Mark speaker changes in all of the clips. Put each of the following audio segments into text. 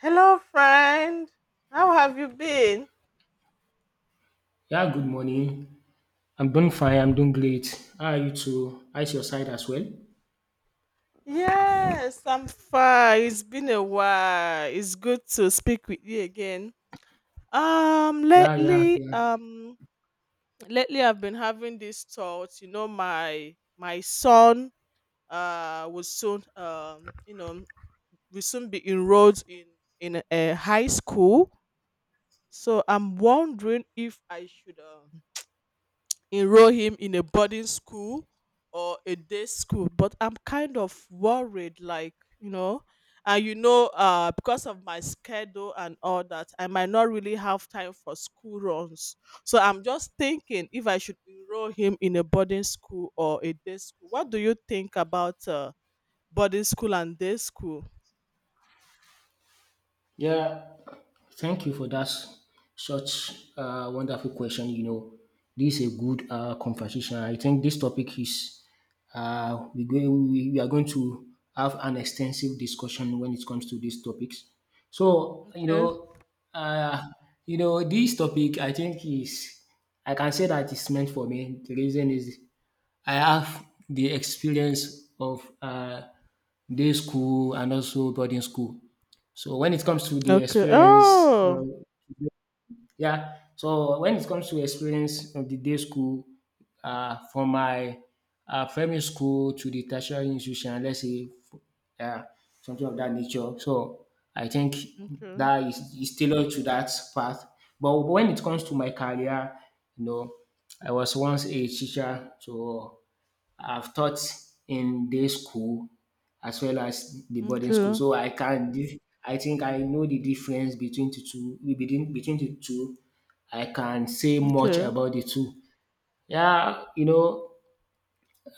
Speaker 1: Hello, friend. How have you been?
Speaker 2: Yeah, good morning. I'm doing fine. I'm doing great. How are you too? How's your side as well?
Speaker 1: Yes, I'm fine. It's been a while. It's good to speak with you again. Um,
Speaker 2: Yeah, yeah,
Speaker 1: lately,
Speaker 2: yeah.
Speaker 1: um, lately I've been having these thoughts. You know, my son will soon be enrolled in a high school. So I'm wondering if I should enroll him in a boarding school or a day school, but I'm kind of worried, like, you know. And you know, because of my schedule and all that, I might not really have time for school runs. So I'm just thinking, if I should enroll him in a boarding school or a day school, what do you think about boarding school and day school?
Speaker 2: Yeah, thank you for that such wonderful question. You know, this is a good conversation. I think this topic is we are going to have an extensive discussion when it comes to these topics. So,
Speaker 1: Okay.
Speaker 2: uh, you know, this topic I think is I can say that it's meant for me. The reason is I have the experience of day school and also boarding school. So when it comes to the
Speaker 1: Okay.
Speaker 2: experience,
Speaker 1: Oh,
Speaker 2: yeah. So when it comes to experience of the day school, from my primary school to the tertiary institution, let's say uh, something of that nature. So I think
Speaker 1: okay.
Speaker 2: that is tailored to that path. But when it comes to my career, you know, I was once a teacher, so I've taught in day school as well as the boarding school,
Speaker 1: Okay.
Speaker 2: so I think I know the difference between the two. Between the two, I can say much
Speaker 1: Okay.
Speaker 2: about the two. Yeah, you know,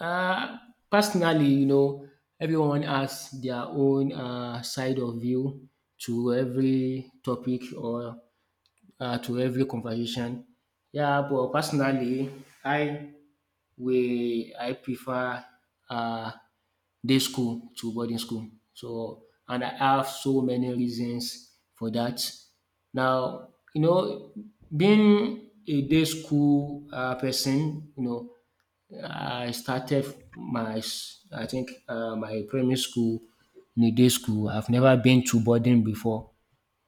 Speaker 2: uh, personally, you know, everyone has their own side of view to every topic or to every conversation. Yeah, but personally, I where I prefer uh, day school to boarding school. So and I have so many reasons for that. Now, you know, being a day school person, you know, I started I think my primary school in a day school. I've never been to boarding before,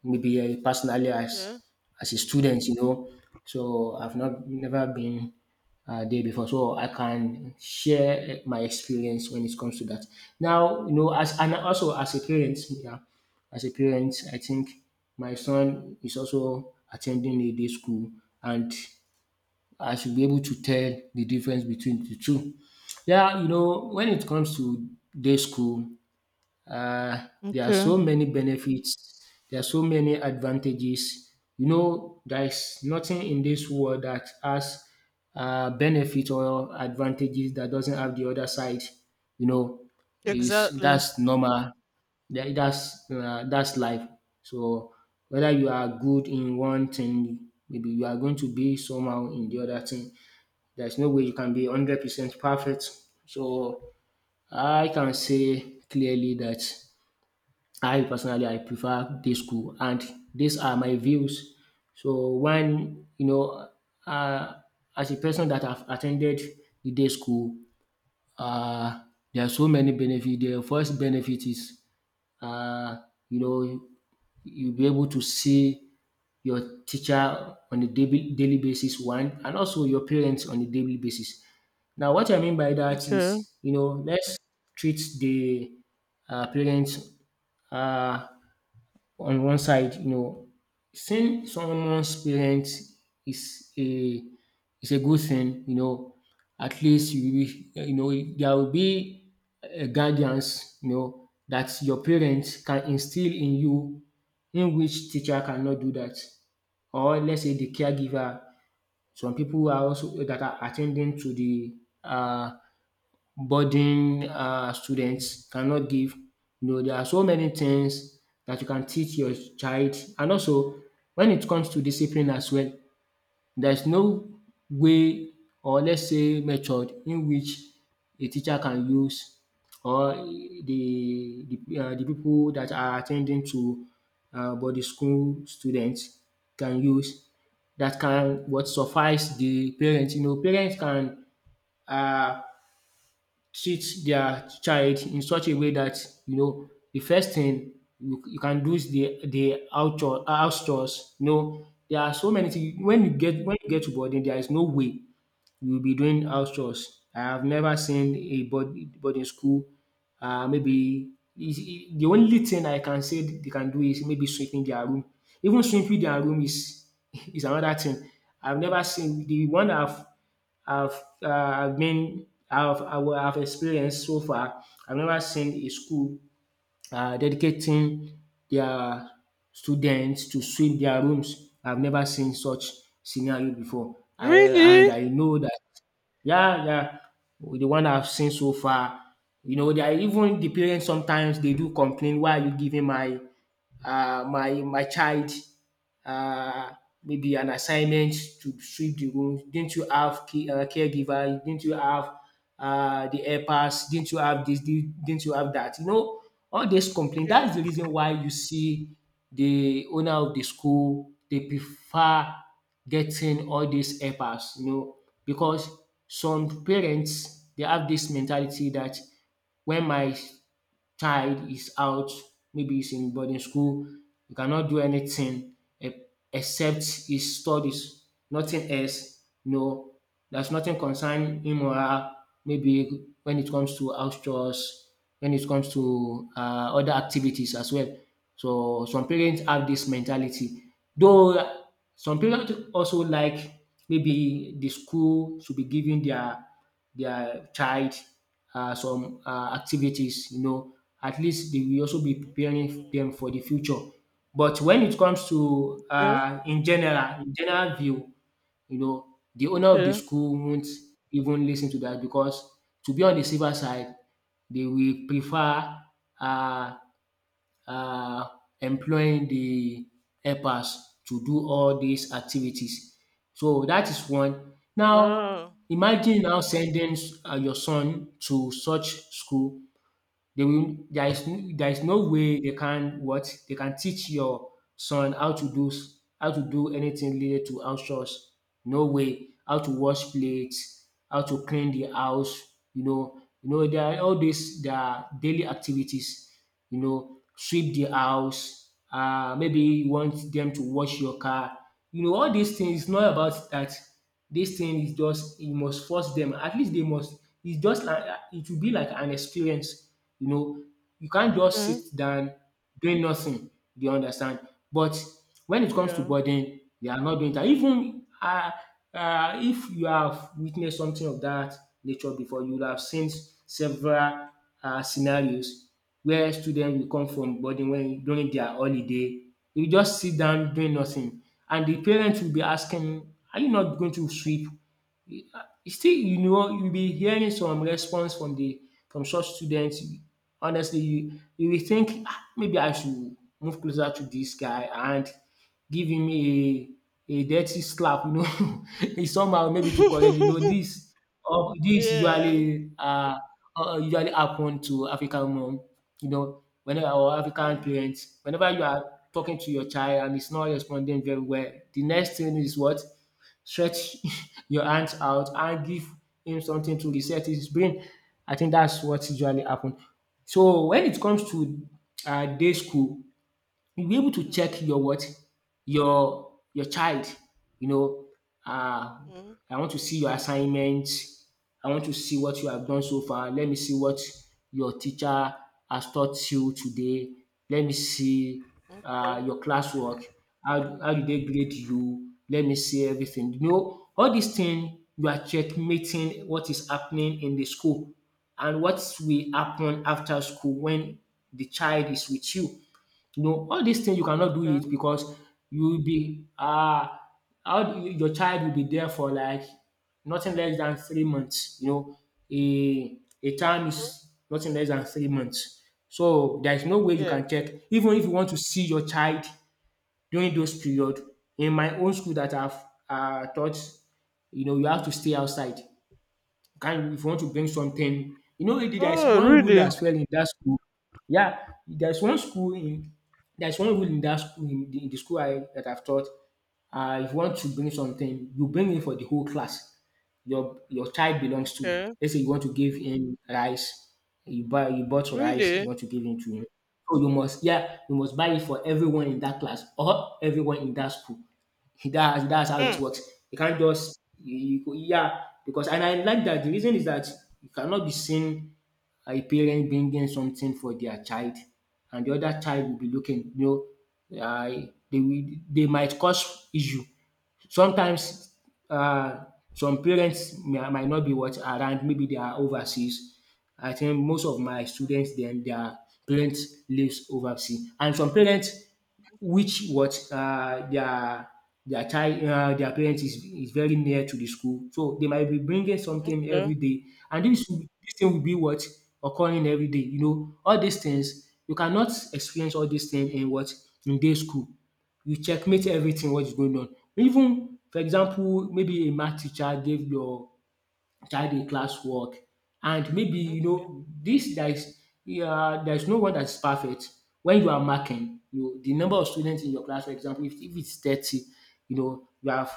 Speaker 2: maybe I personally
Speaker 1: Okay.
Speaker 2: as a student, you know. So I've not never been there before, so I can share my experience when it comes to that. Now, you know, as and also as a parent, yeah, as a parent, I think my son is also attending a day school, and I should be able to tell the difference between the two. Yeah, you know, when it comes to day school, there are
Speaker 1: Okay.
Speaker 2: so many benefits. There are so many advantages. You know, there is nothing in this world that has benefit or advantages that doesn't have the other side. You know, is
Speaker 1: Exactly.
Speaker 2: that's normal. That's life. So whether you are good in one thing, maybe you are going to be somehow in the other thing. There's no way you can be 100% perfect. So I can say clearly that I personally I prefer day school, and these are my views. So when you know uh, as a person that have attended the day school, uh, there are so many benefits. The first benefit is uh, you know, you'll be able to see your teacher on a daily, daily basis one, and also your parents on a daily basis. Now, what I mean by that
Speaker 1: Okay.
Speaker 2: is, you know, let's treat the parents uh, on one side. You know, seeing someone's parents is a is a good thing, you know. At least you know there will be a guidance, you know, that your parents can instill in you, in which teacher cannot do that. Or let's say the caregiver. Some people are also that are attending to the uh boarding students cannot give. You know, there are so many things that you can teach your child, and also when it comes to discipline as well, there is no way, or let's say method, in which a teacher can use or the pipu that are attending to body school students can use that can what suffice the parents. You know, parents can um treat their child in such a way that, you know, the first thing you can do is the outdoor chores. House chores. You know, there are so many
Speaker 1: Mhm.
Speaker 2: things. When you get to boarding, there is no way you'll be doing house chores. I have never seen a board boarding school, maybe is the only thing I can say they can do is maybe sweeping their room. Even sweeping their room is is another thing. I've never seen the one I've I've been I've I will have experienced so far. I've never seen a school dedicating their students to sweep their rooms. I've never seen such scenario before. I and
Speaker 1: Really?
Speaker 2: I know that yeah, yeah. The one I've seen so far, you know, they are even the parents sometimes they do complain, why are you giving my my child uh, maybe an assignment to sweep the room? Didn't you have key, caregiver? Didn't you have the helpers? Didn't you have this? Didn't you have that? You know, all this complaint. That is
Speaker 1: Yeah.
Speaker 2: the reason why you see the owner of the school they prefer getting all these helpers. You know, because some parents they have this mentality that when my child is out, maybe he's in boarding school, you cannot do anything e- except his studies, nothing else. No, there's nothing concerning him or her, maybe when it comes to house chores, when it comes to other activities as well. So some parents have this mentality. Though some parents also like maybe the school should be giving their child some activities, you know, at least they will also be
Speaker 1: Mhm.
Speaker 2: preparing them for the future. But when it comes to
Speaker 1: Okay.
Speaker 2: in general view, you know, the owner of the
Speaker 1: Okay.
Speaker 2: school won't even listen to that because to be on the safer side, they will prefer uh, um employing the helpers to do all these activities. So that is one. Now
Speaker 1: Wow.
Speaker 2: imagine now sending your son to such school, they will there is n- there is no way they can teach your son how to do how to do anything related to house chores. No way. How to wash plates, how to clean the house, you know, there are daily activities, you know, sweep the house, maybe you want them to wash your car. You know, all these things, it's not about that. This thing is just you must force them, at least they must, it's just like it will be like an experience, you know, you can't just
Speaker 1: Okay.
Speaker 2: sit down doing nothing. Do you understand? But when it comes to
Speaker 1: Yeah.
Speaker 2: boarding, they are not doing that. Even if you have witnessed something of that nature before, you will have seen several scenarios where students will come from boarding when during their holiday. You just sit down doing nothing, and the parents will be asking, "Are you not going to sweep Still you know you will be hearing some response from the from such students. Honestly, you will think ah maybe I should move closer to this guy and give him a dirty slap, you know, somehow maybe to correct, you know, this or this
Speaker 1: Yeah.
Speaker 2: usually usually happen to African mom, you know, whenever, or African
Speaker 1: Okay.
Speaker 2: parents, whenever you are talking to your child and it's not responding very well, the next thing is what, stretch your hands out and give him something to reset his brain. I think that's what usually happen. So when it comes to day school, you'll be able to check
Speaker 1: Mhm.
Speaker 2: your what? Your child, you know, um I want to see your assignments. I want to see what you
Speaker 1: Mhm.
Speaker 2: have done
Speaker 1: Mhm.
Speaker 2: so far, let me see what your teacher has taught you today, let me see your classwork. How did they grade you, let me see everything. You know, all these things you are checkmating what is happening in the school and what will happen after school when the child is with you. No, all these things you
Speaker 1: Okay.
Speaker 2: cannot do it
Speaker 1: Okay.
Speaker 2: because you will be ah how do you- your child will be there for like nothing less than 3 months. You know, a a term is nothing less than 3 months. So there is no way you
Speaker 1: Yeah.
Speaker 2: can check. Even if you want to see your child during those period, in my own school that I've taught, you know, you have to stay outside. Can if you want to bring something, you know there is
Speaker 1: Oh,
Speaker 2: one rule
Speaker 1: really?
Speaker 2: as well in that school. Yeah, there's one school in there's one rule in that school, in the school I that I've taught. If you want to bring something, you bring it for the whole class. Your child belongs to.
Speaker 1: Okay.
Speaker 2: Let's say you want to give him rice, you bought rice, you
Speaker 1: Really?
Speaker 2: want to give him to him. So you must, yeah, you must buy it for everyone in that class or everyone in that school. That's how it
Speaker 1: Hmm.
Speaker 2: works. You can't just you, you- go- yeah because and I like that. The reason is that you cannot be seen a parent bringing something for their child, and the other child will be looking, they will they might cause issue sometimes. uh, some parents might not be what around, maybe they are overseas. I think most of my students then, their parents lives overseas, and some parents which what, their child their parents is very near to the school. So they might be bringing something
Speaker 1: Okay.
Speaker 2: every day, and this will dis thing will be what, occurring every day, you know. All these things, you cannot experience all these things in what, in day school. You checkmate everything what is going on. Even for example, maybe a math teacher gave your child class work and maybe,
Speaker 1: Mm,
Speaker 2: you know, this there is, yeah, there is no one that is perfect. When you are marking, you, the number of students in your class, for example, if it's 30, you know, you have,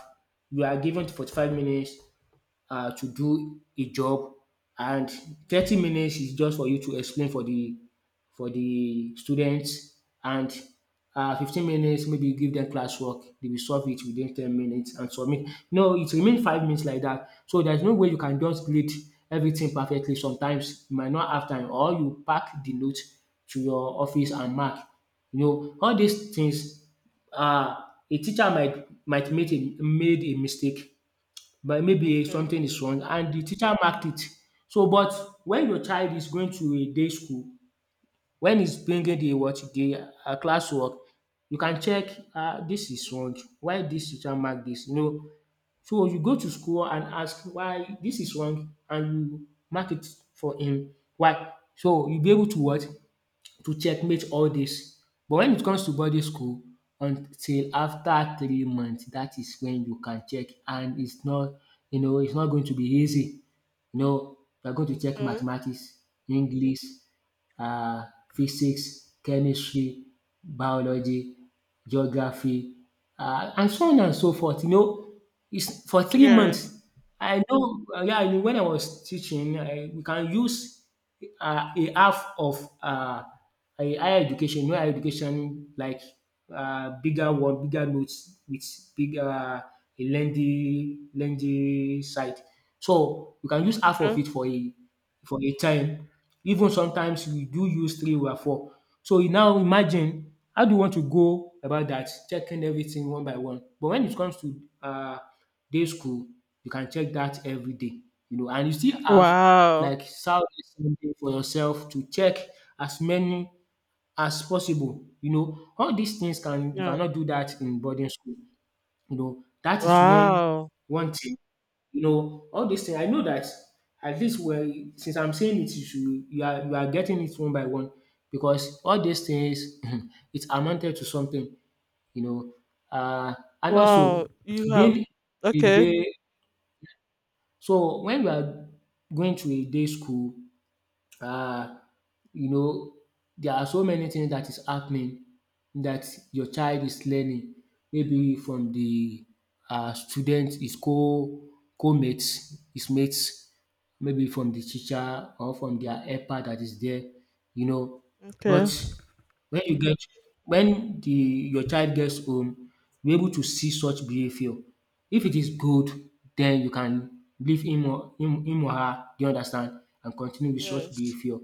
Speaker 2: you are given 45 minutes to do a job, and 30 minutes is just for you to explain for the students. And 15 minutes, maybe you give them classwork, they will solve it within 10 minutes and submit. No, it remains 5 minutes, like that. So there's no way you can just grade everything perfectly. Sometimes you might not have time, or you pack the note to your office and mark, you know, all these things. uh, a teacher might make a made a mistake, but maybe
Speaker 1: okay.
Speaker 2: something is wrong and the teacher marked it. So but when your child is going to a day school, when he's bringing the what, the classwork, you can check, um, this is wrong, why this teacher mark this, you know. So you go to school and ask why this is wrong, and you mark it for him. Why? So you'll be able to what, to checkmate all this. But when it comes to boarding school, until after 3 months, that is when you can check, and it's not, you know, it's not going to be easy. You know, you're going to check
Speaker 1: Okay.
Speaker 2: mathematics, English, uh, physics, chemistry, biology, geography, and so on and so forth. You know, it's for three
Speaker 1: Yes.
Speaker 2: months. I know, yeah, I mean, when I was teaching, I, we can use a half of higher education, you know, higher education, like bigger one, bigger notes with big, a lengthy side. So you can use half of
Speaker 1: Okay.
Speaker 2: it for a time. Even sometimes we do use three or four. So you now imagine how do you want to go about that, checking everything one by one. But when it comes to day school, you can check that every day, you know, and you still have
Speaker 1: Wow.
Speaker 2: like Saturday, Sunday for yourself to check as many as possible, you know. All these things, can you
Speaker 1: Yeah.
Speaker 2: cannot do that in boarding school. You know, that is
Speaker 1: Wow.
Speaker 2: one thing. You know, all these things. I know that, at least, where since I'm saying it, you should, you are, you are getting it one by one, because all these things it amounted to something. You know, uh, and also
Speaker 1: Wow. You have,
Speaker 2: being a
Speaker 1: okay.
Speaker 2: day. So when we are going to a day school, uh, you know, there are so many things that is happening, that your child is learning, maybe from the student, his co co-mates, his mates, maybe from the teacher, or from their helper that is there, you know. But
Speaker 1: Okay.
Speaker 2: when you get when the your child gets home, you're able to see such behavior. If it is good, then you can leave him or him, him or her, do you understand, and continue with such
Speaker 1: Yes.
Speaker 2: behavior.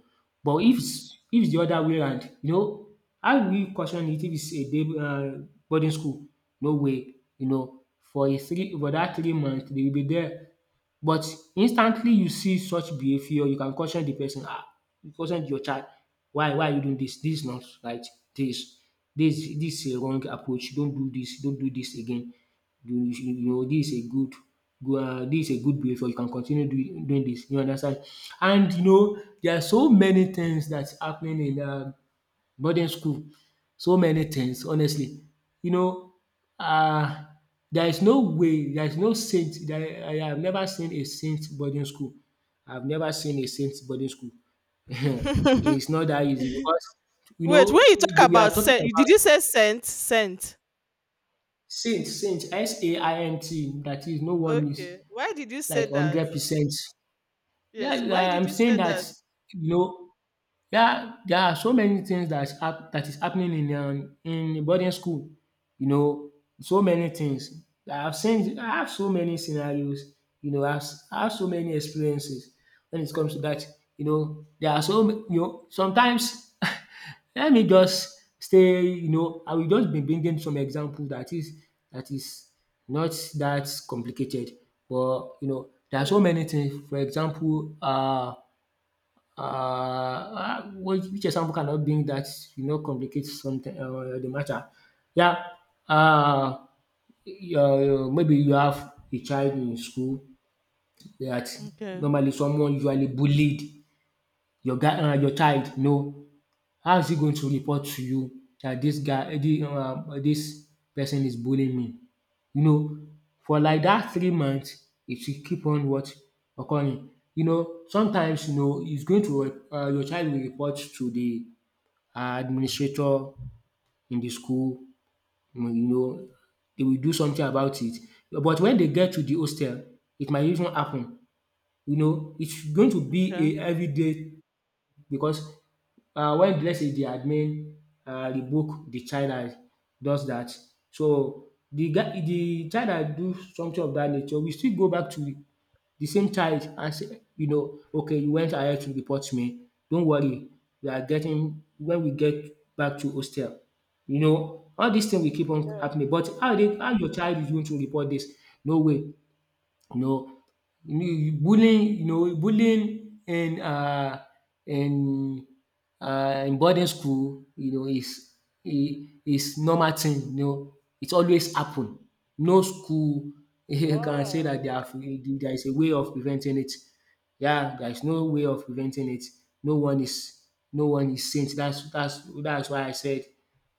Speaker 2: But if it's the other way around, you know, how will you caution it if it's a day boarding school? No way, you know, for that 3 months, they will be there. But instantly you see such behavior, you can caution the person. Ah, you caution your child, why are you doing this? This is not right. this. This is a wrong approach. Don't do this. Don't do this again. You know this is a good, dis is a good behavior. You can continue doing this. You understand? And you know there are so many things that's happening in boarding school, so many things, honestly. You know, um there is no way, there is no saint there. I have never seen a saint boarding school. I have never seen a saint boarding school. It's not that easy, because you
Speaker 1: Wait, when
Speaker 2: know
Speaker 1: you talk
Speaker 2: we are
Speaker 1: about
Speaker 2: talking
Speaker 1: scent,
Speaker 2: about
Speaker 1: did you say scent? Scent.
Speaker 2: saint, S A I N T, that is, no one is
Speaker 1: Okay. Why did you say
Speaker 2: like one
Speaker 1: that?
Speaker 2: hundred percent. Yeah,
Speaker 1: Yes. Why
Speaker 2: I
Speaker 1: did
Speaker 2: am
Speaker 1: you
Speaker 2: saying
Speaker 1: say
Speaker 2: that,
Speaker 1: that?
Speaker 2: you know. Yeah, there are so many things that is hap that is happening in boarding school, you know, so many things. I have so many scenarios, you know. I have so many experiences when it comes to that. You know, there are you know, sometimes let me just stay, you know, I will just be bringing some example that is, that is not that complicated. But you know, there are so
Speaker 1: Okay.
Speaker 2: many things. For example, Uh, which example can I bring that, you know, complicates something, the matter? Yeah, uh, maybe you have a child in school that
Speaker 1: Okay.
Speaker 2: normally someone usually bullied your guy, your child. No, how is he going to report to you that this guy, this person is bullying me? You know, for like that 3 months, it should keep on what, occurring. You know, sometimes, you know, it's going to, your child will report to the administrator in the school, you know, they will do something about it. But when they get to the hostel, it might even happen. You know, it's going to
Speaker 1: Okay.
Speaker 2: be a everyday, because when, let's say, the admin revoke the child that does that, so the guy, the child that do something of that nature, will still go back to the same child and say, you know, okay, you went ahead to report me. Don't worry, we are getting when we get back to hostel, you know, all these things will keep on
Speaker 1: Yeah.
Speaker 2: happening. But how dey, how your child is going to report this? No way, you know. You know, bullying in in in boarding school, you know, is is normal thing, you know. It always happen. No school you can say that
Speaker 1: Wow.
Speaker 2: they have, there is a way of preventing it. Yeah, there is no way of preventing it. No one is no one is saint. That's why I said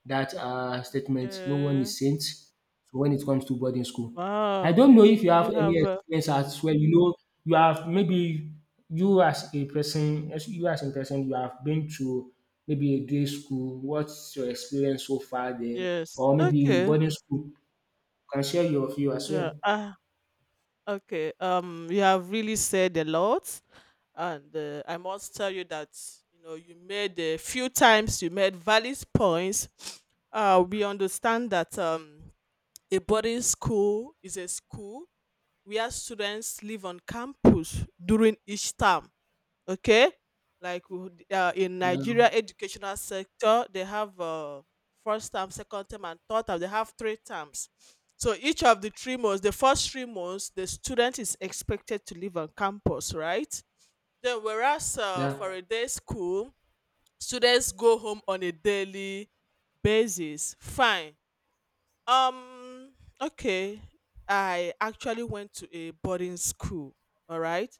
Speaker 2: that, statement. No one
Speaker 1: Okay.
Speaker 2: is saint. So when it comes to boarding school. I
Speaker 1: Wow.
Speaker 2: don't know if you have
Speaker 1: You
Speaker 2: any
Speaker 1: have.
Speaker 2: experience as well. You know, you have maybe, you as a person, as you as a person, you have been to maybe a day school. What's your experience so far there?
Speaker 1: Yes.
Speaker 2: Or maybe in
Speaker 1: Okay.
Speaker 2: boarding school, you can share your view as
Speaker 1: Yeah.
Speaker 2: well.
Speaker 1: Ah. Okay. You have really said a lot. And I must tell you that, you know, you made a few times you made valid points. We understand that, a boarding school is a school where students live on campus during each term. Okay. Like, in
Speaker 2: Yeah,
Speaker 1: Nigeria educational sector, they have, first term, second term, and third term. They have 3 terms, so each of the 3 months, the first 3 months, the student is expected to live on campus, right? Then, whereas, for
Speaker 2: yeah,
Speaker 1: a day school, students go home on a daily basis. Fine. Um. Okay. I actually went to a boarding school. All right.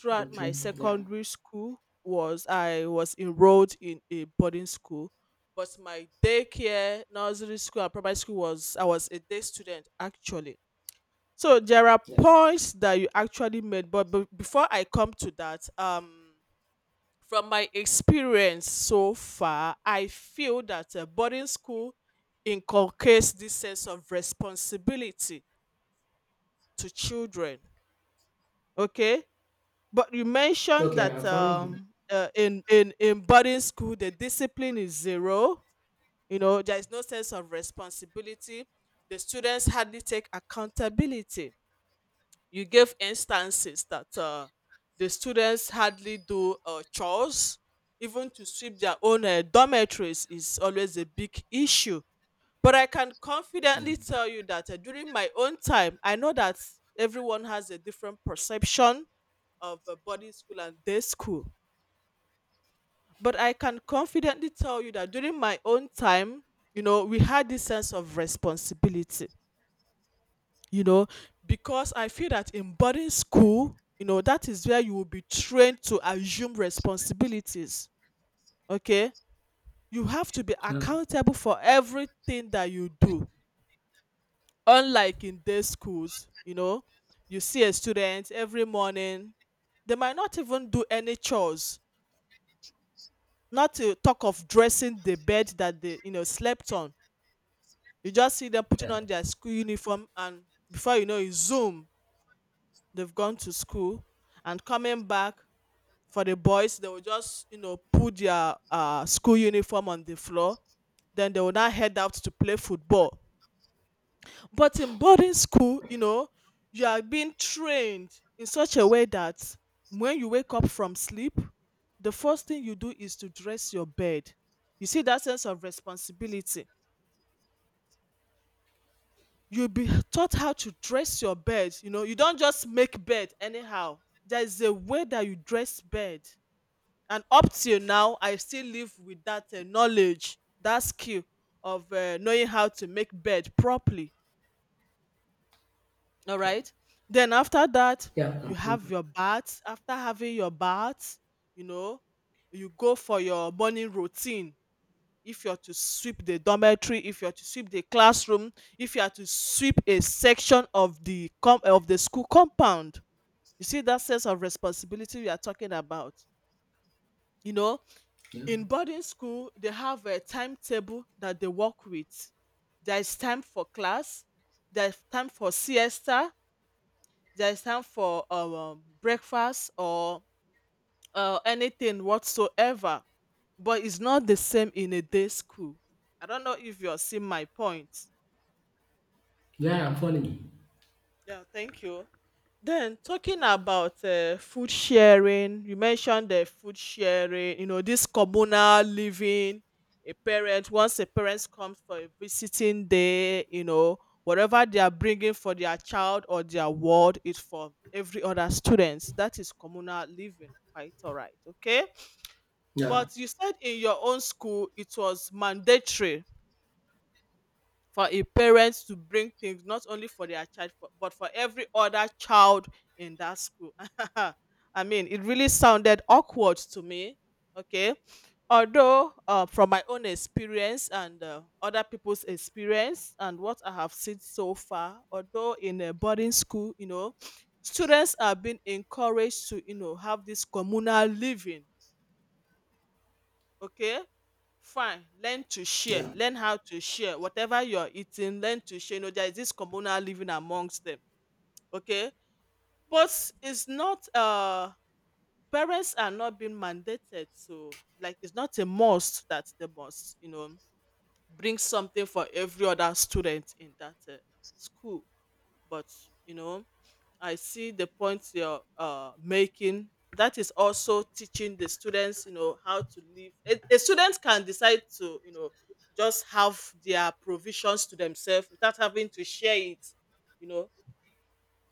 Speaker 1: Throughout my
Speaker 2: okay, yeah,
Speaker 1: secondary school, was I was enrolled in a boarding school, but my daycare, nursery school, and primary school, was I was a day student, actually. So there are
Speaker 2: yeah.
Speaker 1: points that you actually made, but before I come to that, from my experience so far, I feel that, boarding school inculcates this sense of responsibility to children. Okay, but you mentioned
Speaker 2: Okay,
Speaker 1: that,
Speaker 2: I'm following you.
Speaker 1: in in boarding school the discipline is zero. You know, there is no sense of responsibility. The students hardly take accountability. You gave instances that, the students hardly do, chores. Even to sweep their own, dormitories is always a big issue. But I can
Speaker 2: Yeah,
Speaker 1: confidently tell you that, during my own time, I know that everyone has a different perception of, boarding school and day school. But I can confidently tell you that during my own time, you know, we had this sense of responsibility, you know, because I feel that in boarding school, you know, that is where you will be trained to assume responsibilities. Okay. You have to be
Speaker 2: yeah,
Speaker 1: accountable for everything that you do. Unlike in day schools, you know, you see a student every morning, they might not even do any chores, not to talk of dressing the bed that they, you know, slept on. You just see them putting
Speaker 2: yeah,
Speaker 1: on their school uniform, and before you know it, zoom, they've gone to school, and coming back, for the boys, they will just, you know, put their, school uniform on the floor. Then they will now head out to play football. But in boarding school, you know, you are being trained in such a way that when you wake up from sleep, the first thing you do is to dress your bed. You see that sense of responsibility. You'll be taught how to dress your bed. You know, you don't just make bed anyhow. There is a way that you dress bed, and up till now I still live with that, knowledge, that skill of, knowing how to make bed properly. All right. Then after that,
Speaker 2: yeah, I'm
Speaker 1: you
Speaker 2: following
Speaker 1: have
Speaker 2: you.
Speaker 1: your bath. After having your bath, you know, you go for your morning routine. If you're to sweep the dormitory, if you're to sweep the classroom, if you are to sweep a section of the of the school compound, you see that sense of responsibility we are talking about, you know.
Speaker 2: yeah.
Speaker 1: In boarding school, they have a timetable that they work with. There is time for class, there is time for siesta, there is time for, breakfast, or, anything whatsoever. But it's not the same in a day school. I don't know if you're seeing my point.
Speaker 2: Yeah, I'm following you.
Speaker 1: Yeah, thank you. Then talking about, food sharing. You mentioned the food sharing, you know, this communal living. A parent — once a parent comes for a visiting day, you know, whatever they are bringing for their child or their ward is for every other students. That is communal living. Quite all right. Okay.
Speaker 2: Yeah,
Speaker 1: But you said in your own school, it was mandatory for a parent to bring things not only for their child for, but for every other child in that school. I mean, it really sounded awkward to me. Okay. Although, from my own experience, and, other people's experience, and what I have seen so far, although in a boarding school, you know, students are being encouraged to, you know, have this communal living. Okay, fine. Learn to share.
Speaker 2: yeah,
Speaker 1: Learn how to share. Whatever you're eating, learn to share. You know, there is this communal living amongst them. Okay. But it's not, parents are not being mandated to, like, it's not a must that they must, you know, bring something for every other student in that, school. But you know, I see the points you're, making. That is also teaching the students, you know, how to live. A student can decide to, you know, just have their provisions to themselves without having to share it, you know.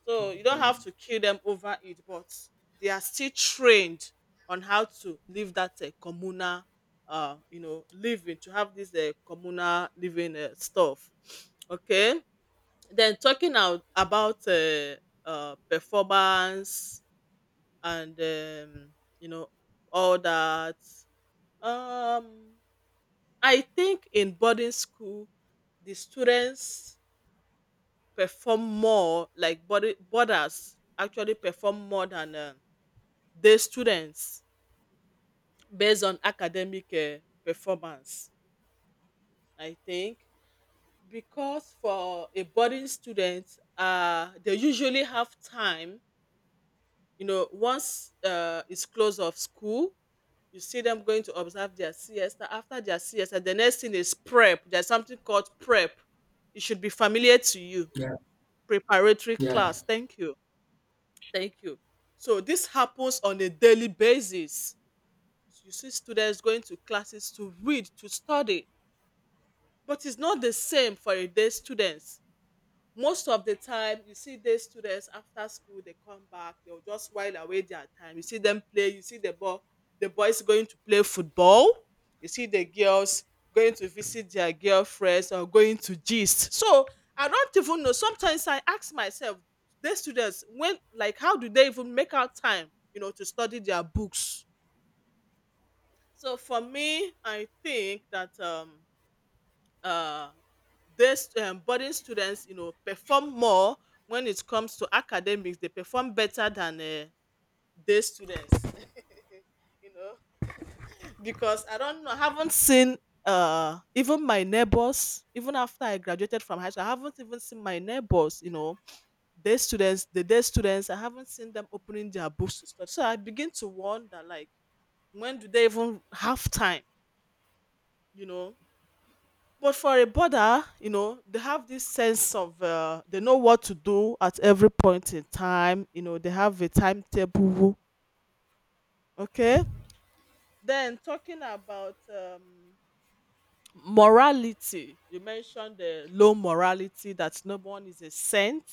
Speaker 1: So you don't
Speaker 2: yeah,
Speaker 1: have to kill them over it, but they are still trained on how to live that, communal, you know, living, to have this, communal living, stuff. Okay, then talking out about, performance, and, you know, all that. Um, I think in boarding school, the students perform more. Like, body boarders actually perform more than, day students, based on academic, performance. I think, because for a boarding student, they usually have time. You know, once, it's close of school, you see them going to observe their siesta. After their siesta, the next thing is prep. There's something called prep, it should be familiar to you.
Speaker 2: yeah,
Speaker 1: Preparatory
Speaker 2: yeah.
Speaker 1: class. Thank you. Thank you. So this happens on a daily basis. You see students going to classes to read, to study. But it's not the same for a day students. Most of the time you see these students, after school they come back, they'll just while away their time. You see them play, you see the ball, the boys going to play football. You see the girls going to visit their girlfriends, or going to gist. So I don't even know, sometimes I ask myself, these students, when, like, how do they even make out time, you know, to study their books? So for me I think that, uh, these, boarding students, you know, perform more when it comes to academics. They perform better than, day students, you know, because I don't know, I haven't seen, even my neighbors. Even after I graduated from high school, I haven't even seen my neighbors, you know, day students, the day students, I haven't seen them opening their books to study. So I begin to wonder, like, when do they even have time, you know? But for a border, you know, they have this sense of, they know what to do at every point in time. You know, they have a timetable. Okay. Then talking about, morality. You mentioned the low morality, that no one is a saint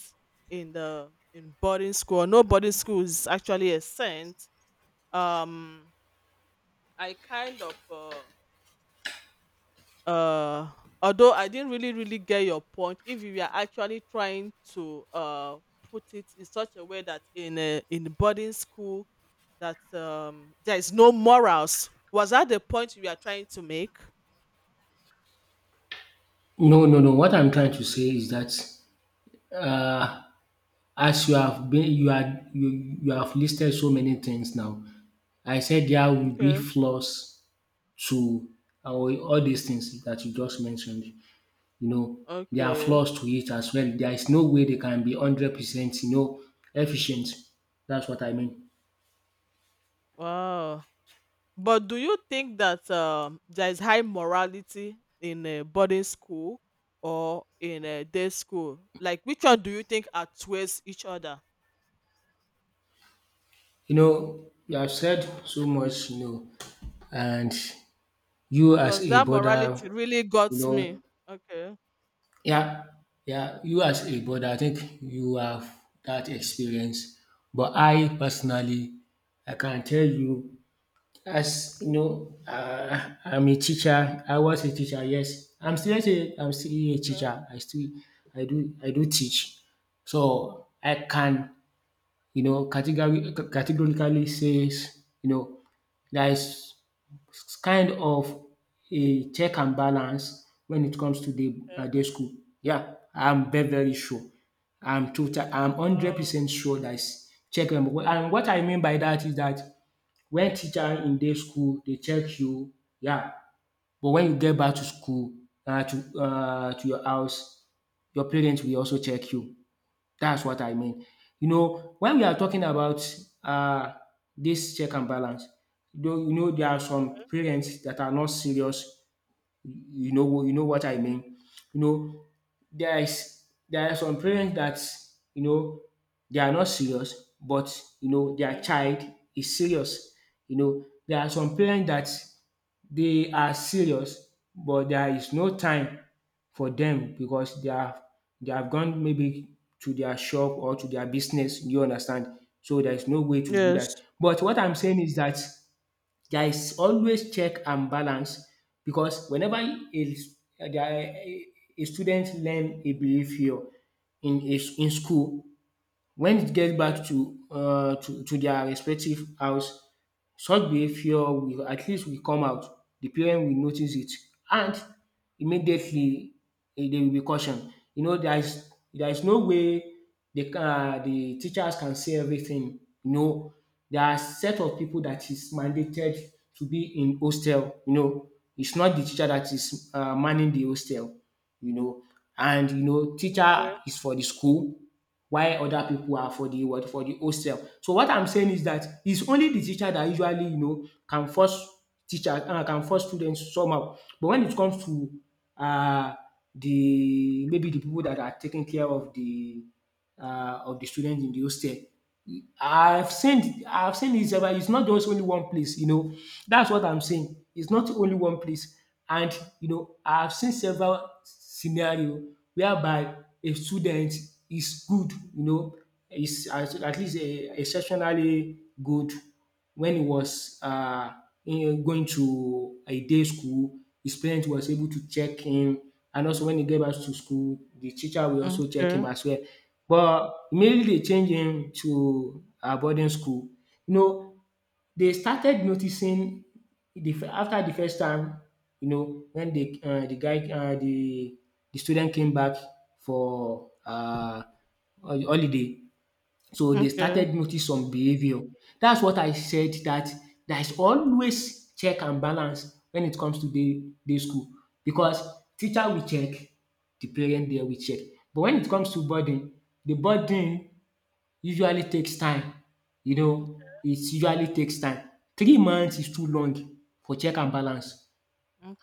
Speaker 1: in the in boarding school. No boarding school is actually a saint. Um, I kind of, uh although I didn't really get your point. If you are actually trying to, put it in such a way that in a in boarding school that, there is no morals, was that the point you are trying to make?
Speaker 2: No, no, no. What I'm trying to say is that, uh, as you have been you are you you have listed so many things now. I said there will be
Speaker 1: Okay.
Speaker 2: flaws to our all these things that you just mentioned. You know, there are
Speaker 1: Okay.
Speaker 2: flaws to it as well. There is no way they can be 100%, you know, efficient. That's what I mean.
Speaker 1: Wow. But do you think that, there is high morality in a boarding school or in a day school? Like, which one do you think outweighs each other?
Speaker 2: You know, you have said so much, you know, and you as
Speaker 1: Because
Speaker 2: a
Speaker 1: that
Speaker 2: border,
Speaker 1: morality really
Speaker 2: you
Speaker 1: got me.
Speaker 2: know.
Speaker 1: Okay.
Speaker 2: Yeah, yeah. You as a brother, I think you have that experience. But I personally, I can tell you, as you know, I'm a teacher. I was a teacher. Yes, I'm still a
Speaker 1: Okay.
Speaker 2: teacher. I do
Speaker 1: Okay.
Speaker 2: teach. So I can, you know, categorically says, you know, there is, it's kind of a check and balance when it comes to the
Speaker 1: Okay.
Speaker 2: day school. Yeah, I'm very, very sure. I'm hundred
Speaker 1: Oh,
Speaker 2: percent sure that is check and balance. And what I mean by that is that when teacher in day school, they check you, yeah, but when you get back to school to your house, your parents will also check you. That's what I mean. You know, when we are talking about um dis check and balance, though, you know, there are some parents that are not serious. You know what I mean. You know, there are some parents that you know they are not serious but their
Speaker 1: okay.
Speaker 2: child is serious. There are some
Speaker 1: Okay.
Speaker 2: parents that they are serious but there is no time for them because they have gone maybe to their shop or to their business, you understand? So there is no way to do
Speaker 1: Yes.
Speaker 2: that. But what I'm saying is that there is always check and balance because whenever a s- there a student learn a behavior in school when it gets back
Speaker 1: Okay.
Speaker 2: to their respective house, such behavior will at least will come out. The parent will notice it and immediately they will be cautioned. There is no way the teachers can say everything. There are set of people that is mandated to be in hostel. It's not the teacher that is manning the hostel you know. And teacher
Speaker 1: Okay.
Speaker 2: is for the school, while other people are for the hostel. So what I'm saying is that it's only the teacher that usually can force students somehow. But when it comes to um the people that are taking care of the students in the hostel, I've seen it, several it's not just only one place. That's what I'm saying. It's not only one place. And I've seen several scenario whereby a student is good, is at least exceptionally good when he was going to a day school, his parents was able to check him, and also when he get back to school, the teacher will also check him
Speaker 1: Okay.
Speaker 2: as well. But immediately they change him to a boarding school. You know, they started noticing after the first time, when the guy the student came back for holiday, so they
Speaker 1: Okay.
Speaker 2: started notice some behavior. That's what I said that there is always check and balance when it comes to day school because teacher will check, the parent there will check. But when it comes to burden, the burden usually takes time. It usually takes time. 3 months is too long for check and balance.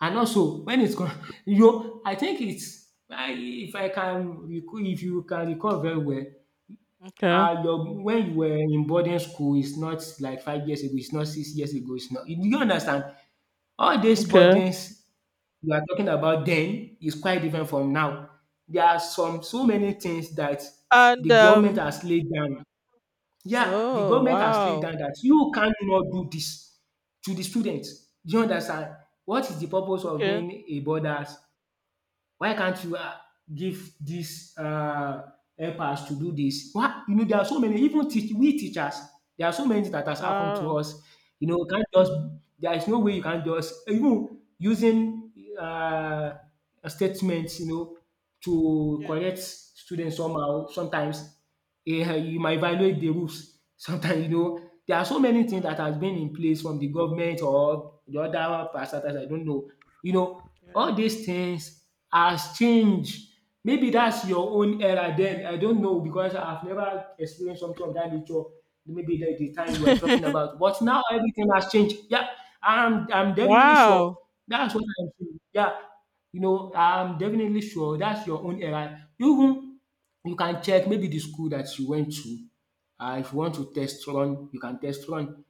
Speaker 2: And also when it's come I think it's I if I can recall if you can recall very well,
Speaker 1: Okay.
Speaker 2: your when you were in boarding school is not like 5 years ago, it's not 6 years ago, it's not. Do you understand? All these
Speaker 1: Okay.
Speaker 2: burdens you are talking about then is quite different from now. There are some so many things that
Speaker 1: And,
Speaker 2: the government has laid down. Yeah, the
Speaker 1: oh,
Speaker 2: government has laid
Speaker 1: wow.
Speaker 2: down that you cannot do this to the students. Do you understand? What is the purpose of
Speaker 1: Okay.
Speaker 2: being a borders? Why can't you give dis help to do this? Why there are so many even teach we teachers, there are so many things that has happened to
Speaker 1: Wow.
Speaker 2: us. You can't just there is no way you can't just even using um statement to
Speaker 1: Yes.
Speaker 2: correct students somehow sometimes you might violate the rules sometimes there are so many things that
Speaker 1: Wow.
Speaker 2: has been in place from the government or the other parastatals, I don't know. You know all these things has changed. Maybe that's your own era then, I don't know, because I've never experienced something of that nature, maybe the time you were talking
Speaker 1: Yeah.
Speaker 2: about, but now everything has changed. Yeah, I'm definitely
Speaker 1: Wow.
Speaker 2: sure, that's what I'm saying. Yeah, I'm definitely sure that's your own era. You. You can check maybe the school that you went to. If you want to test run,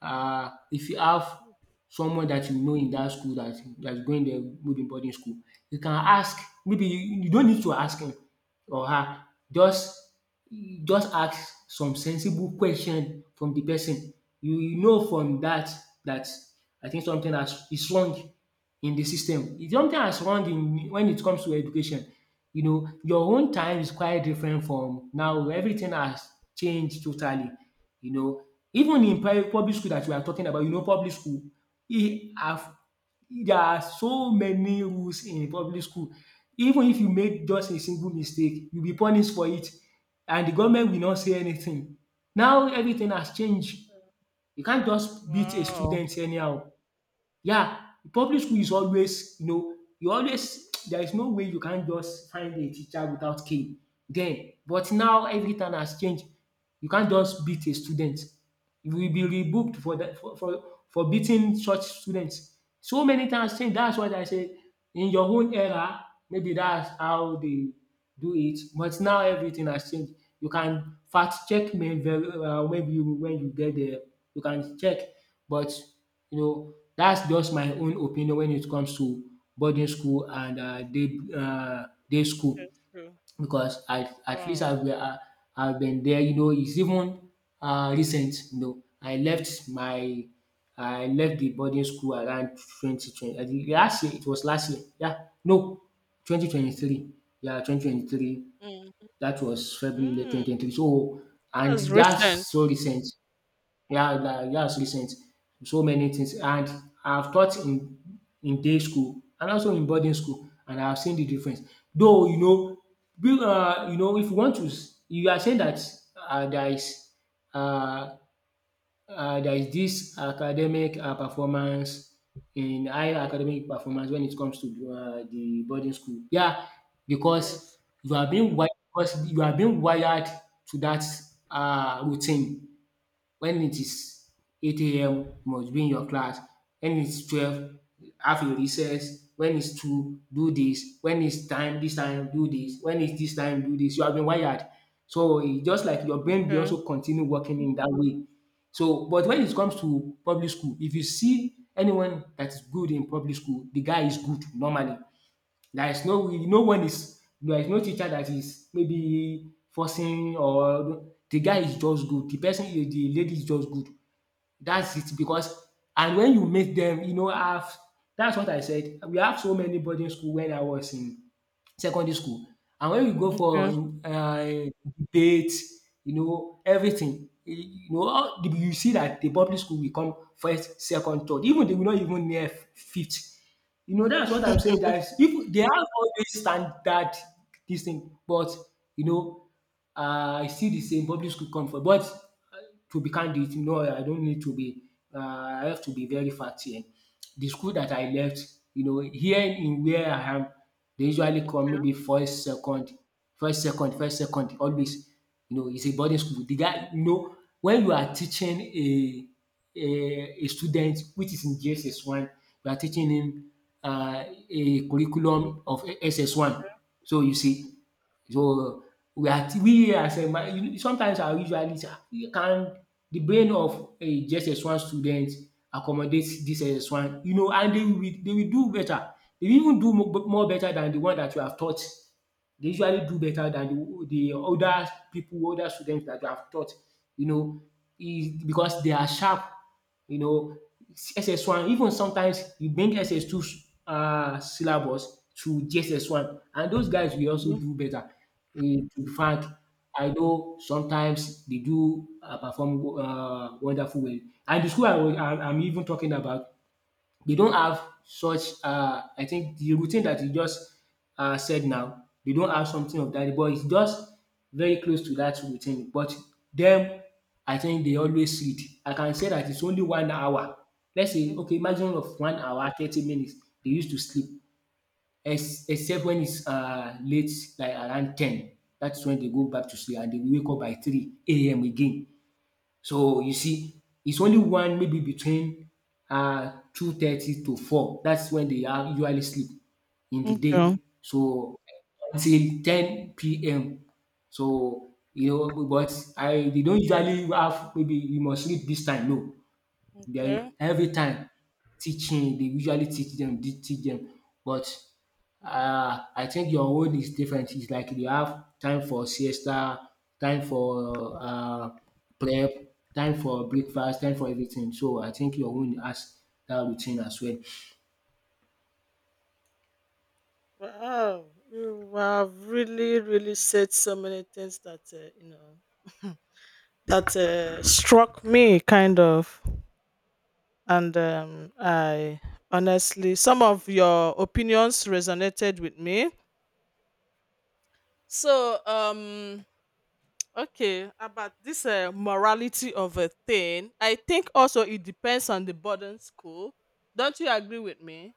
Speaker 2: if you have someone that you know in that school that's going there, maybe boarding school, you can ask. Maybe you not need to ask him or her, just just ask some sensible question from the person. You know from that. That, I think something has is wrong in the system. It's something has wrong in when it comes to education. Your own time is quite different from now. Everything has changed totally. You know, even in public school that we are talking about, public school, e have there are so many rules in public school. Even if you make just a single mistake, you'll be punished for it, and the government will not say anything. Now everything has changed. You can't just beat a
Speaker 1: Wow.
Speaker 2: student anyhow. Yeah, public school is always, you know you always there is no way you can just find a teacher without cane. Then, but now everything has changed. You can't just beat a student. You will be rebooked for that, for beating such students. So many times, change. That's what I say: in your own era maybe that's how they do it, but now everything has changed. You can fact check me very well. Maybe when you get there, you can check. But that's just my own opinion when it comes to boarding school and day school,
Speaker 1: That's true.
Speaker 2: because at least
Speaker 1: Wow.
Speaker 2: I've been there. It's even recent. I left the boarding school around 2020. I think last year, it was last year. Yeah, no, 2023. Yeah, 2023.
Speaker 1: Mm.
Speaker 2: That was February twenty
Speaker 1: Mm.
Speaker 2: twenty three. So and
Speaker 1: That's
Speaker 2: that's
Speaker 1: recent.
Speaker 2: so recent. Yeah, like that's recent. So many things. And I've taught in day school, and also in boarding school, and I've seen the difference. Though if you want to, you are saying that there is, uh, this academic performance in high academic performance when it comes to the boarding school. Yeah, because
Speaker 1: Yes.
Speaker 2: you are being wired because you are being wired to that routine. When it is 8 a.m. you must be in your class, when it's 12 have your recess, when it's 2 do this, when it's time this time do this, when it's this time do this. You have been wired. So e just like your brain will
Speaker 1: Okay.
Speaker 2: also continue working in that way. So but when it comes to public school, if you see anyone that is good in public school, the guy is good normally. There is no, when is there is no teacher that is maybe forcing, or the guy is just good, the lady is just good. That's it, because and when you make them, have that's what I said. We have so many boarding school when I was in secondary school. And when we go for,
Speaker 1: Okay.
Speaker 2: debate, everything, you see that the public school will come first, second, third. Even they will not even near fifth. That's what I'm saying. That is, if they have all this standard, this thing, but you know, I see the same public school come for. But to be candid, no, I don't need to be, I have to be very fat here. The school that I left, here in where I am, they usually come maybe first, second, first, second, first, second, always. It's a boarding school. The guy, when you are teaching a student which is in JSS1, you are teaching him uh, a curriculum of SS1. So you see, so, we are we as a ma you- sometimes I usually say, can the brain of a JSS1 student accommodate this SS1? And they will do better. They will even do more better than the one that you have taught. They usually do better than the older people, older students that they have taught, you know, is because they are sharp, you know. SS1, even sometimes you bring SS2 syllabus to JSS1 and those guys will also
Speaker 1: Mm,
Speaker 2: do better. To be frank, I know sometimes they do perform wonderful well. And the school I was I I'm even talking about, they don't have such, I think the routine that you just said now, they don't have something of that, but it's just very close to that routine. But them, I think they always read. I can say that it's only 1 hour. Let's say, okay, maximum of 1 hour 30 minutes they used to sleep, ex except when it's late, like around 10. That's when they go back to sleep and they wake up by 3 a.m. again. So you see, it's only one maybe between 2:30 to four. That's when they are usually sleep in the
Speaker 1: okay.
Speaker 2: day. So until ten PM. So but I they don't usually have maybe you must sleep this time, no. They
Speaker 1: Okay.
Speaker 2: every time teaching they usually teach dem teach them. But I think your own is different. It's like you have time for siesta, time for prep, time for breakfast, time for everything. So I think your own has that routine as well.
Speaker 1: Wow, you have really, really said so many things that you know that struck me, kind of, and I honestly, some of your opinions resonated with me. So, okay, about this morality of a thing, I think also it depends on the boarding school. Don't you agree with me?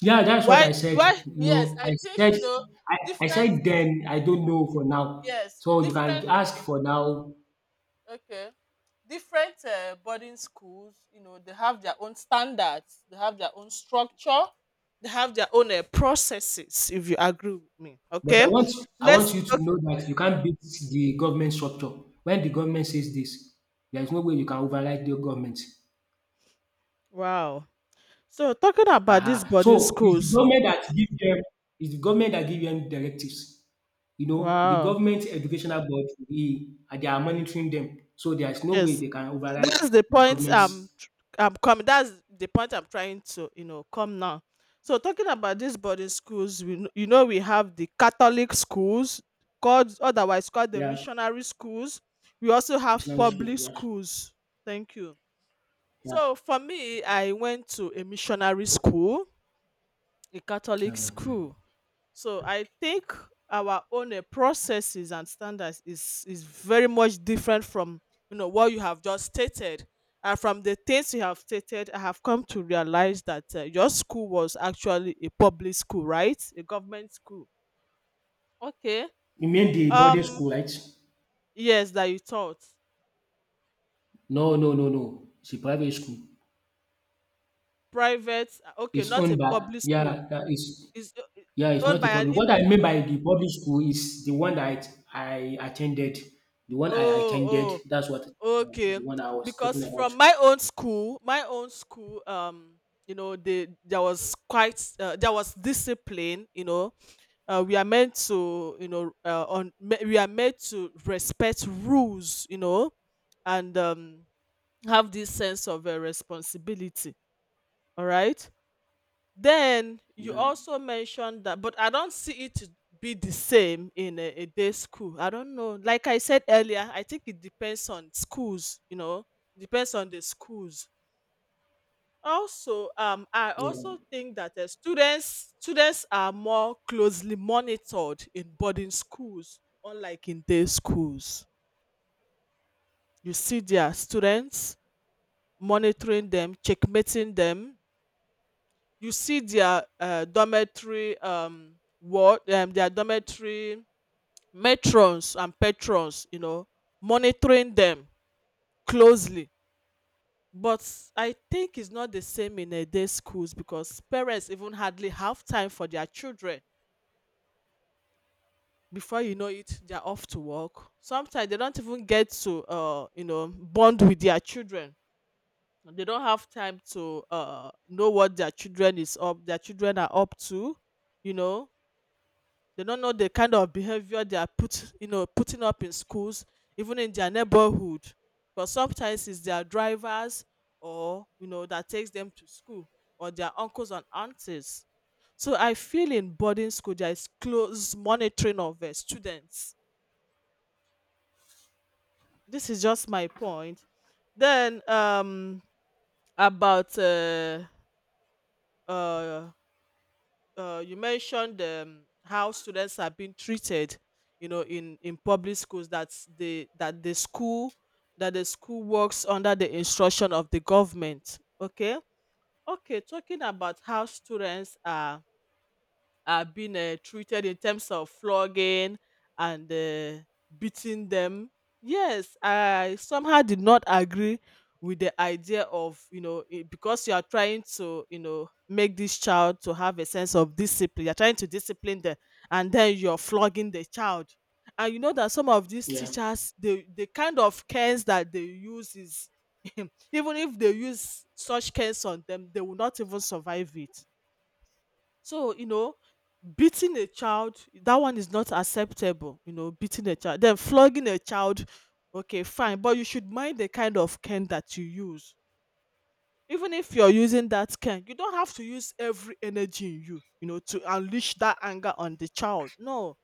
Speaker 2: Yeah, that's what
Speaker 1: Why?
Speaker 2: I said.
Speaker 1: Why?
Speaker 2: You
Speaker 1: Yes,
Speaker 2: know,
Speaker 1: I
Speaker 2: I
Speaker 1: think
Speaker 2: said
Speaker 1: you know
Speaker 2: I I
Speaker 1: different.
Speaker 2: said then I don't know for now.
Speaker 1: Yes,
Speaker 2: So you can
Speaker 1: different.
Speaker 2: ask for now.
Speaker 1: Okay. Different boarding schools, you know, they have their own standards, they have their own structure, they have their own processes. If you agree with me,
Speaker 2: But
Speaker 1: okay.
Speaker 2: I want
Speaker 1: Let's.
Speaker 2: you to
Speaker 1: Okay.
Speaker 2: know that you can't beat the government structure. When the government says this, there is no way you can override the government.
Speaker 1: Wow. So talking about
Speaker 2: Uh-huh.
Speaker 1: these
Speaker 2: So
Speaker 1: boarding schools.
Speaker 2: it's the government that give them directives. You know, the
Speaker 1: Wow.
Speaker 2: government educational board, they are monitoring them. So there is no way
Speaker 1: Yes,
Speaker 2: they can override
Speaker 1: that's the
Speaker 2: the
Speaker 1: point
Speaker 2: government's.
Speaker 1: I'm coming. That's the point I'm trying to you know come now. So talking about these boarding schools, you know we have the Catholic schools called otherwise called the
Speaker 2: Yeah,
Speaker 1: missionary schools. We also have
Speaker 2: Islamic school.
Speaker 1: public
Speaker 2: Yes.
Speaker 1: schools. Thank you.
Speaker 2: Yeah.
Speaker 1: So for me, I went to a missionary school, a
Speaker 2: Yeah.
Speaker 1: Catholic
Speaker 2: Mhm.
Speaker 1: school. So I think our own processes and standards is very much different from you know what you have just stated. And from the things you have stated, I have come to realize that your school was actually a public school, right? A government school. Okay.
Speaker 2: You mean the boarding
Speaker 1: Um.
Speaker 2: school, right?
Speaker 1: Yes, that you taught
Speaker 2: No, no, no, no. It's a private school.
Speaker 1: private. Okay,
Speaker 2: It's
Speaker 1: not
Speaker 2: owned
Speaker 1: a
Speaker 2: by,
Speaker 1: public school.
Speaker 2: yeah, that is,
Speaker 1: It's
Speaker 2: yeah, it's
Speaker 1: owned
Speaker 2: not a
Speaker 1: by an
Speaker 2: public. What I
Speaker 1: individual.
Speaker 2: mean by the public school is the one that I attended. The one I attended,
Speaker 1: Oh,
Speaker 2: that's what
Speaker 1: oh. Okay,
Speaker 2: the one I was talking
Speaker 1: because
Speaker 2: about.
Speaker 1: from my own school, you know, they there was quite there was discipline. You know, we are meant to, you know, we are made to respect rules. You know, and have this sense of responsibility. All right. Then you
Speaker 2: Yeah.
Speaker 1: also mentioned that, but I don't see it to be the same in a day school. I don't know. Like I said earlier, I think it depends on schools, you know, depends on the schools. Also, I
Speaker 2: Yeah.
Speaker 1: also think that the students are more closely monitored in boarding schools, unlike in day schools. You see their students monitoring them, checkmating them, you see their dormitory their dormitory matrons and patrons, you know, monitoring them closely. But I think it's not the same in a day schools because parents even hardly have time for their children. Before you know it, they're off to work. Sometimes they don't even get to, you know, bond with their children. They don't have time to know what their children are up to, you know. They don't know the kind of behavior you know, putting up in schools, even in their neighborhood. Because sometimes it's their drivers or you know that takes them to school or their uncles and aunties. So I feel in boarding school there is close monitoring of students. This is just my point. Then about uh you mentioned how students are being treated you know in public schools, that the school works under the instruction of the government. Okay. Okay, talking about how students are being treated in terms of flogging and beating them. Yes, I somehow did not agree with the idea of you know it, because you are trying to you know make this child to have a sense of discipline. You're trying to discipline them, and then you're flogging the child. And you know that some of these
Speaker 2: Yeah.
Speaker 1: teachers, the kind of cans that they use is even if they use such cans on them, they will not even survive it. So, you know, beating a child, that one is not acceptable, you know, beating a child. Then flogging a child, okay, fine, but you should mind the kind of cane that you use. Even if you're using that cane, you don't have to use every energy in you, you know, to unleash that anger on the child. No,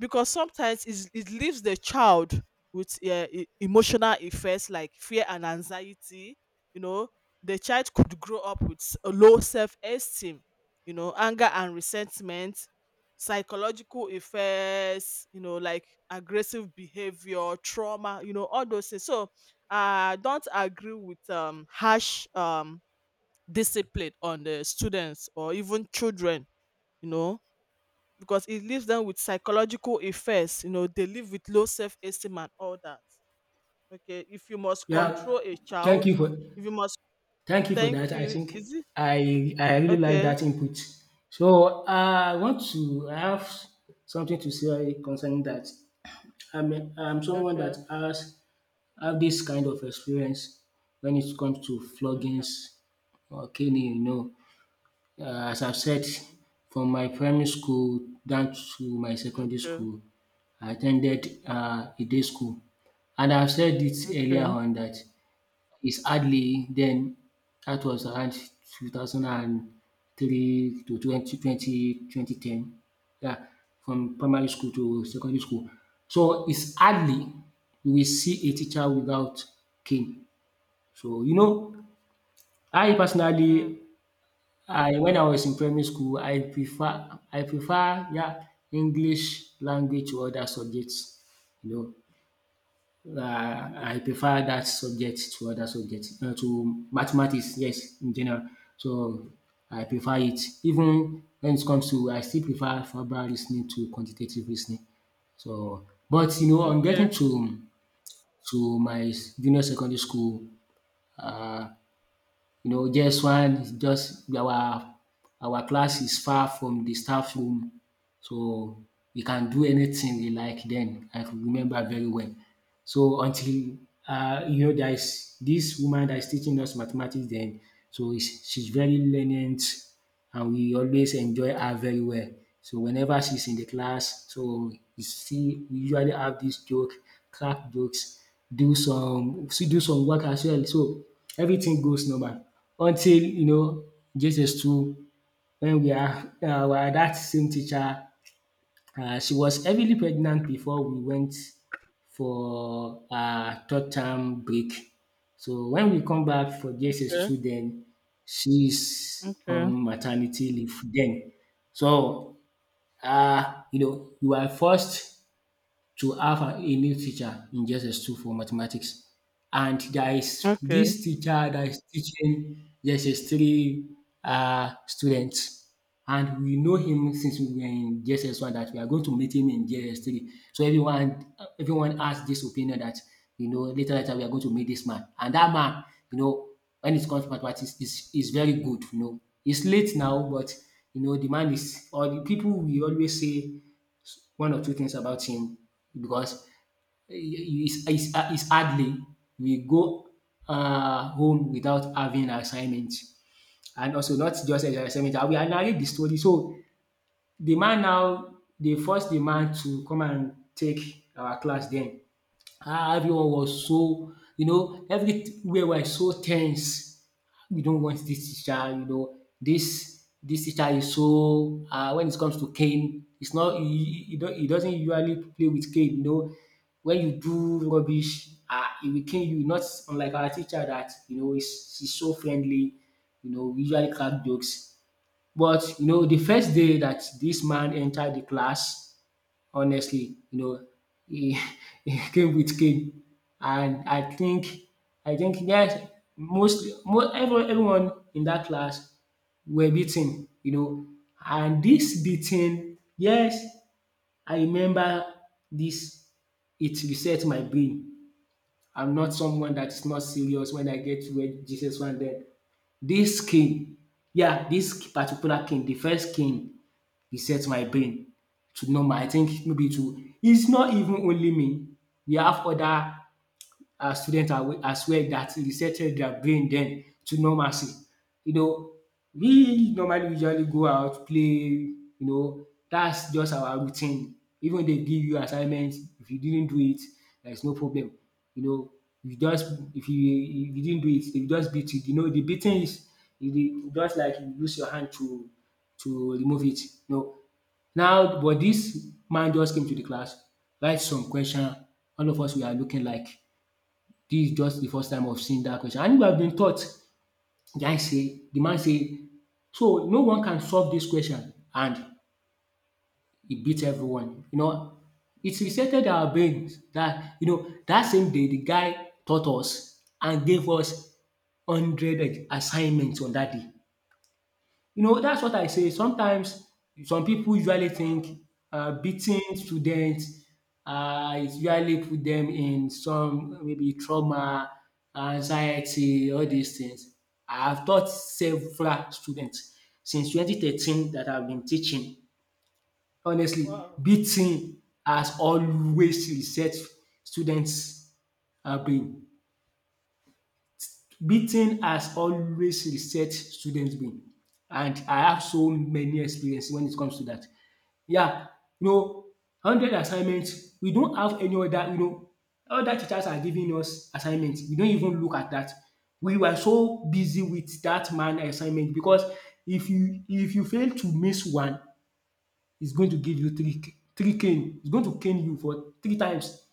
Speaker 1: because sometimes it's, it leaves the child with emotional effects like fear and anxiety, you know, the child could grow up with a low self-esteem, you know, anger and resentment, psychological effects, you know, like aggressive behavior, trauma, you know, all those things. So I don't agree with harsh discipline on the students or even children, you know, because it leaves them with psychological effects, you know, they live with low self-esteem and all that. Okay, if you must
Speaker 2: Yeah.
Speaker 1: control a
Speaker 2: Thank
Speaker 1: child,
Speaker 2: you for
Speaker 1: if you must
Speaker 2: Thank you for that.
Speaker 1: thank
Speaker 2: I
Speaker 1: you
Speaker 2: think
Speaker 1: is it
Speaker 2: I really like
Speaker 1: okay.
Speaker 2: that input. So, I have something to say concerning that. I mean, I'm someone that
Speaker 1: Okay.
Speaker 2: has have this kind of experience when it comes to
Speaker 1: Okay.
Speaker 2: floggings or caning, you know. As I've said,
Speaker 1: Okay.
Speaker 2: from my primary school down to my secondary
Speaker 1: Okay.
Speaker 2: school, I attended a day school. And I've said it earlier
Speaker 1: Okay.
Speaker 2: on that it's hardly then, that was around 2003 to 2020 20 ten. Yeah, from primary school to secondary school. So it's hardly we see a teacher without cane. So, you know, I
Speaker 1: Mm,
Speaker 2: personally I when I was in primary school, I prefer yeah English language to other subjects. You know, I prefer that subject to other subjects, to mathematics. Yes, in general, so I prefer it. Even when it comes to, I still prefer verbal listening to quantitative listening. So, but you know, on getting
Speaker 1: okay.
Speaker 2: to my junior secondary school, uh, you know, just our class is far from the staff room, so we can do anything we like then. I could remember very well. So until, you know, there is this woman that is teaching us mathematics then. So is she's very lenient and we always enjoy her very well. So whenever she's in the class, so you see we usually have this joke, crack jokes, do some still do some work as well. So everything goes normal until you know JSS two when we are our that same teacher, she was heavily pregnant before we went for her third term break. So when we come back for
Speaker 1: Okay.
Speaker 2: JSS2, then she's
Speaker 1: Okay.
Speaker 2: on maternity leave then. So, you know, you are forced to have a new teacher in JSS2 for mathematics. And there is
Speaker 1: Okay.
Speaker 2: this teacher that is teaching JSS3 students. And we know him since we were in JSS1 that we are going to meet him in JSS3. So everyone has this opinion that, you know, later we are going to meet this man. And that man, you know, when it comes to mathematics, is very good, you know. He's late now, but you know, the man is, or the people, we always say one or two things about him because it's hardly we go home without having an assignment, and also not just an assignment. I will narrate the story. So the man, now they forced the man to come and take our class then. Ah, everyone was, so you know everywhere was so tense, we don't want this teacher. You know, this teacher is so, when it comes to cane, it's not he, he, don't, he doesn't usually play with cane, you know. When you do rubbish, he will cane you, not unlike our teacher that, you know, is she's so friendly, you know, we usually crack jokes. But you know, the first day that this man entered the class, honestly, you know, he, he came with cane. And I think, yes, most everyone in that class were beaten, you know. And this beating, yes, I remember this, it reset my brain. I'm not someone that is not serious when I get to where Jesus one then. This king, yeah, this particular king, the first king reset my brain to normal. I think maybe to, it's not even only me. We have other students are, as well, that resetted their brain then to normalcy. You know, we normally usually go out, play, you know, that's just our routine. Even they give you assignments, if you didn't do it, there's no problem. You know, you just if you didn't do it, they just beat you. You know, the beating is you dey- just like you use your hand to remove it. No. Now, but this man just came to the class, write some question. All of us we are looking like this is just the first time of seeing that question and if I've been taught. Guy say, the man say, so no one can solve this question and it beats everyone. You know, it's resetted our brains that, you know, that same day the guy taught us and gave us 100 assignments on that day. You know, that's what I
Speaker 1: Mm-hmm.
Speaker 2: say. Sometimes some people usually
Speaker 1: Wow.
Speaker 2: think beating students, it usually put them in some maybe trauma, anxiety, all
Speaker 1: Yeah.
Speaker 2: these things. I have taught several students since 2013 that I've been teaching. Honestly,
Speaker 1: Wow.
Speaker 2: beating has always reset students' brain. Beating has always reset students brain and I have so many experience when it comes to that. Yeah, you know, hundred assignments. We don't have any other, you know, other teachers are giving us assignments, we don't even look at that. We were so busy with that man assignment because if you fail to miss one, it's going to give you three cane. It's going to cane you for three times.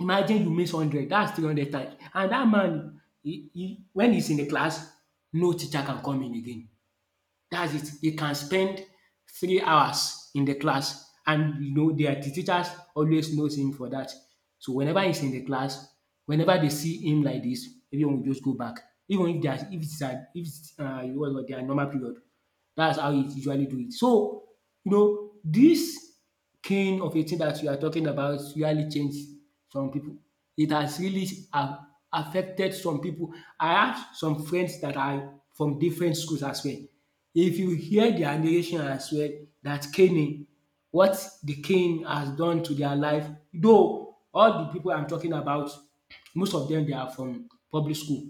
Speaker 2: Imagine you miss hundred, that's 300 times. And that man, he, when he's in the class, no teacher can come in again. That's it. He can
Speaker 1: Mhm.
Speaker 2: spend 3 hours in the class and you know the teachers always knows him for that. So whenever he's in the class, whenever they see him like this, everyone will just go back, even if their, if it's a, if it's, what you call dat, their normal period. That's how he usually do it. So you know this king of a thing that you are talking about really changed some people. It has really a affected some people. I have some friends that are from different schools as well. If you hear their narration as well, that caning, what the cane has done to their life, though all the people I'm talking about, most of them they are from public school,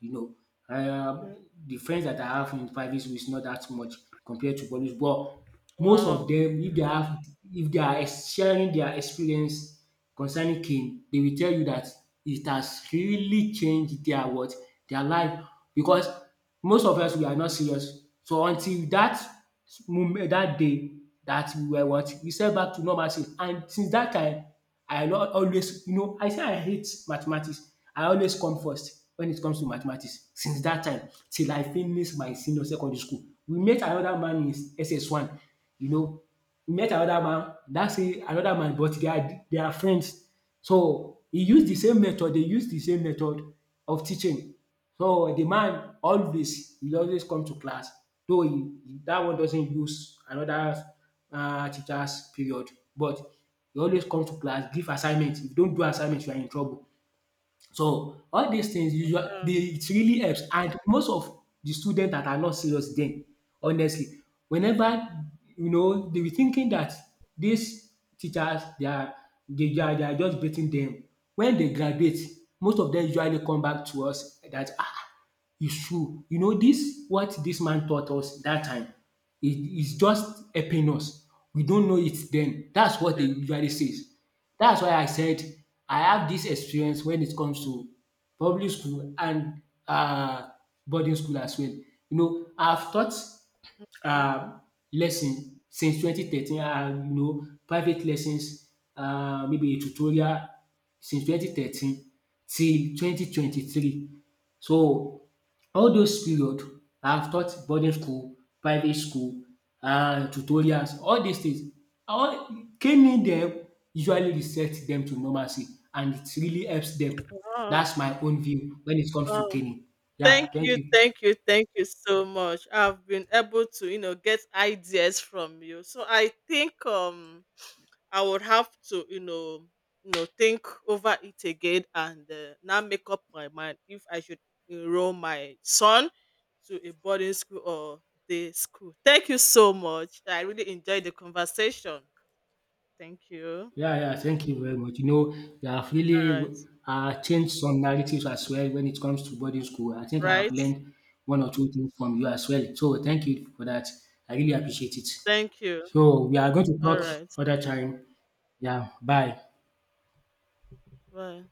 Speaker 2: you know. Um,
Speaker 1: Okay.
Speaker 2: the friends that I have in private school is not that much compared to public school. But most
Speaker 1: Wow.
Speaker 2: of them, if they have, if they are sharing their experience concerning cane, they will tell you that it has really changed their what, their life, because most of us we are not serious. So until that moment, that day that we were what, we set back to normalcy, and since that time I not always, you know, I say I hate mathematics. I always come first when it comes to mathematics since that time till I finish my senior secondary school. We met another man in SS1, you know, we met another man. That's same another man, but they are, they are friends. So, he used the same method, they used the same method of teaching. So the man always, he always come to class, though he dat one doesn't use another teachers period, but he always come to class, give assignment. If you don't do assignment you are in trouble. So all these things usually
Speaker 1: Ah,
Speaker 2: dey, it really helps, and most of the students that are not serious then, honestly, whenever, you know, they were thinking that these teachers they are just baiting them. When they graduate, most of them usually come back to us that, ah, it's true. You know this, what this man taught us that time, it is just helping us. We don't know it then. That's what they
Speaker 1: okay.
Speaker 2: usually says. That's why I said I have this experience when it comes to public school and uh boarding school as well. You know, I've taught um lesson since 2013, you know, private lessons, maybe a tutorial, since 2013 till 2023. So all
Speaker 1: Okay.
Speaker 2: those period I have taught boarding school, private school, tutorials, all these things. All caning dem usually reset dem to normalcy and it really helps dem.
Speaker 1: Wow.
Speaker 2: That's my own view when it comes to
Speaker 1: Wow.
Speaker 2: caning.
Speaker 1: Thank
Speaker 2: Yeah, thank
Speaker 1: you,
Speaker 2: you.
Speaker 1: thank you, thank you so much. I've been able to, you know, get ideas from you. So I think I would have to, you know, think over it again and now make up my mind if I should enroll my son to a boarding school or day school. Thank you so much. I really enjoyed the conversation. Thank you.
Speaker 2: Yeah, yeah, thank you very much. You know, you have
Speaker 1: All
Speaker 2: really
Speaker 1: right.
Speaker 2: changed some narratives as well when it comes to boarding school. I think I have
Speaker 1: Right.
Speaker 2: learned one or two things from you as well. So thank you for that. I really appreciate it.
Speaker 1: Thank you.
Speaker 2: So we are going to
Speaker 1: All
Speaker 2: talk
Speaker 1: right.
Speaker 2: other time. Yeah, bye.
Speaker 1: Bye.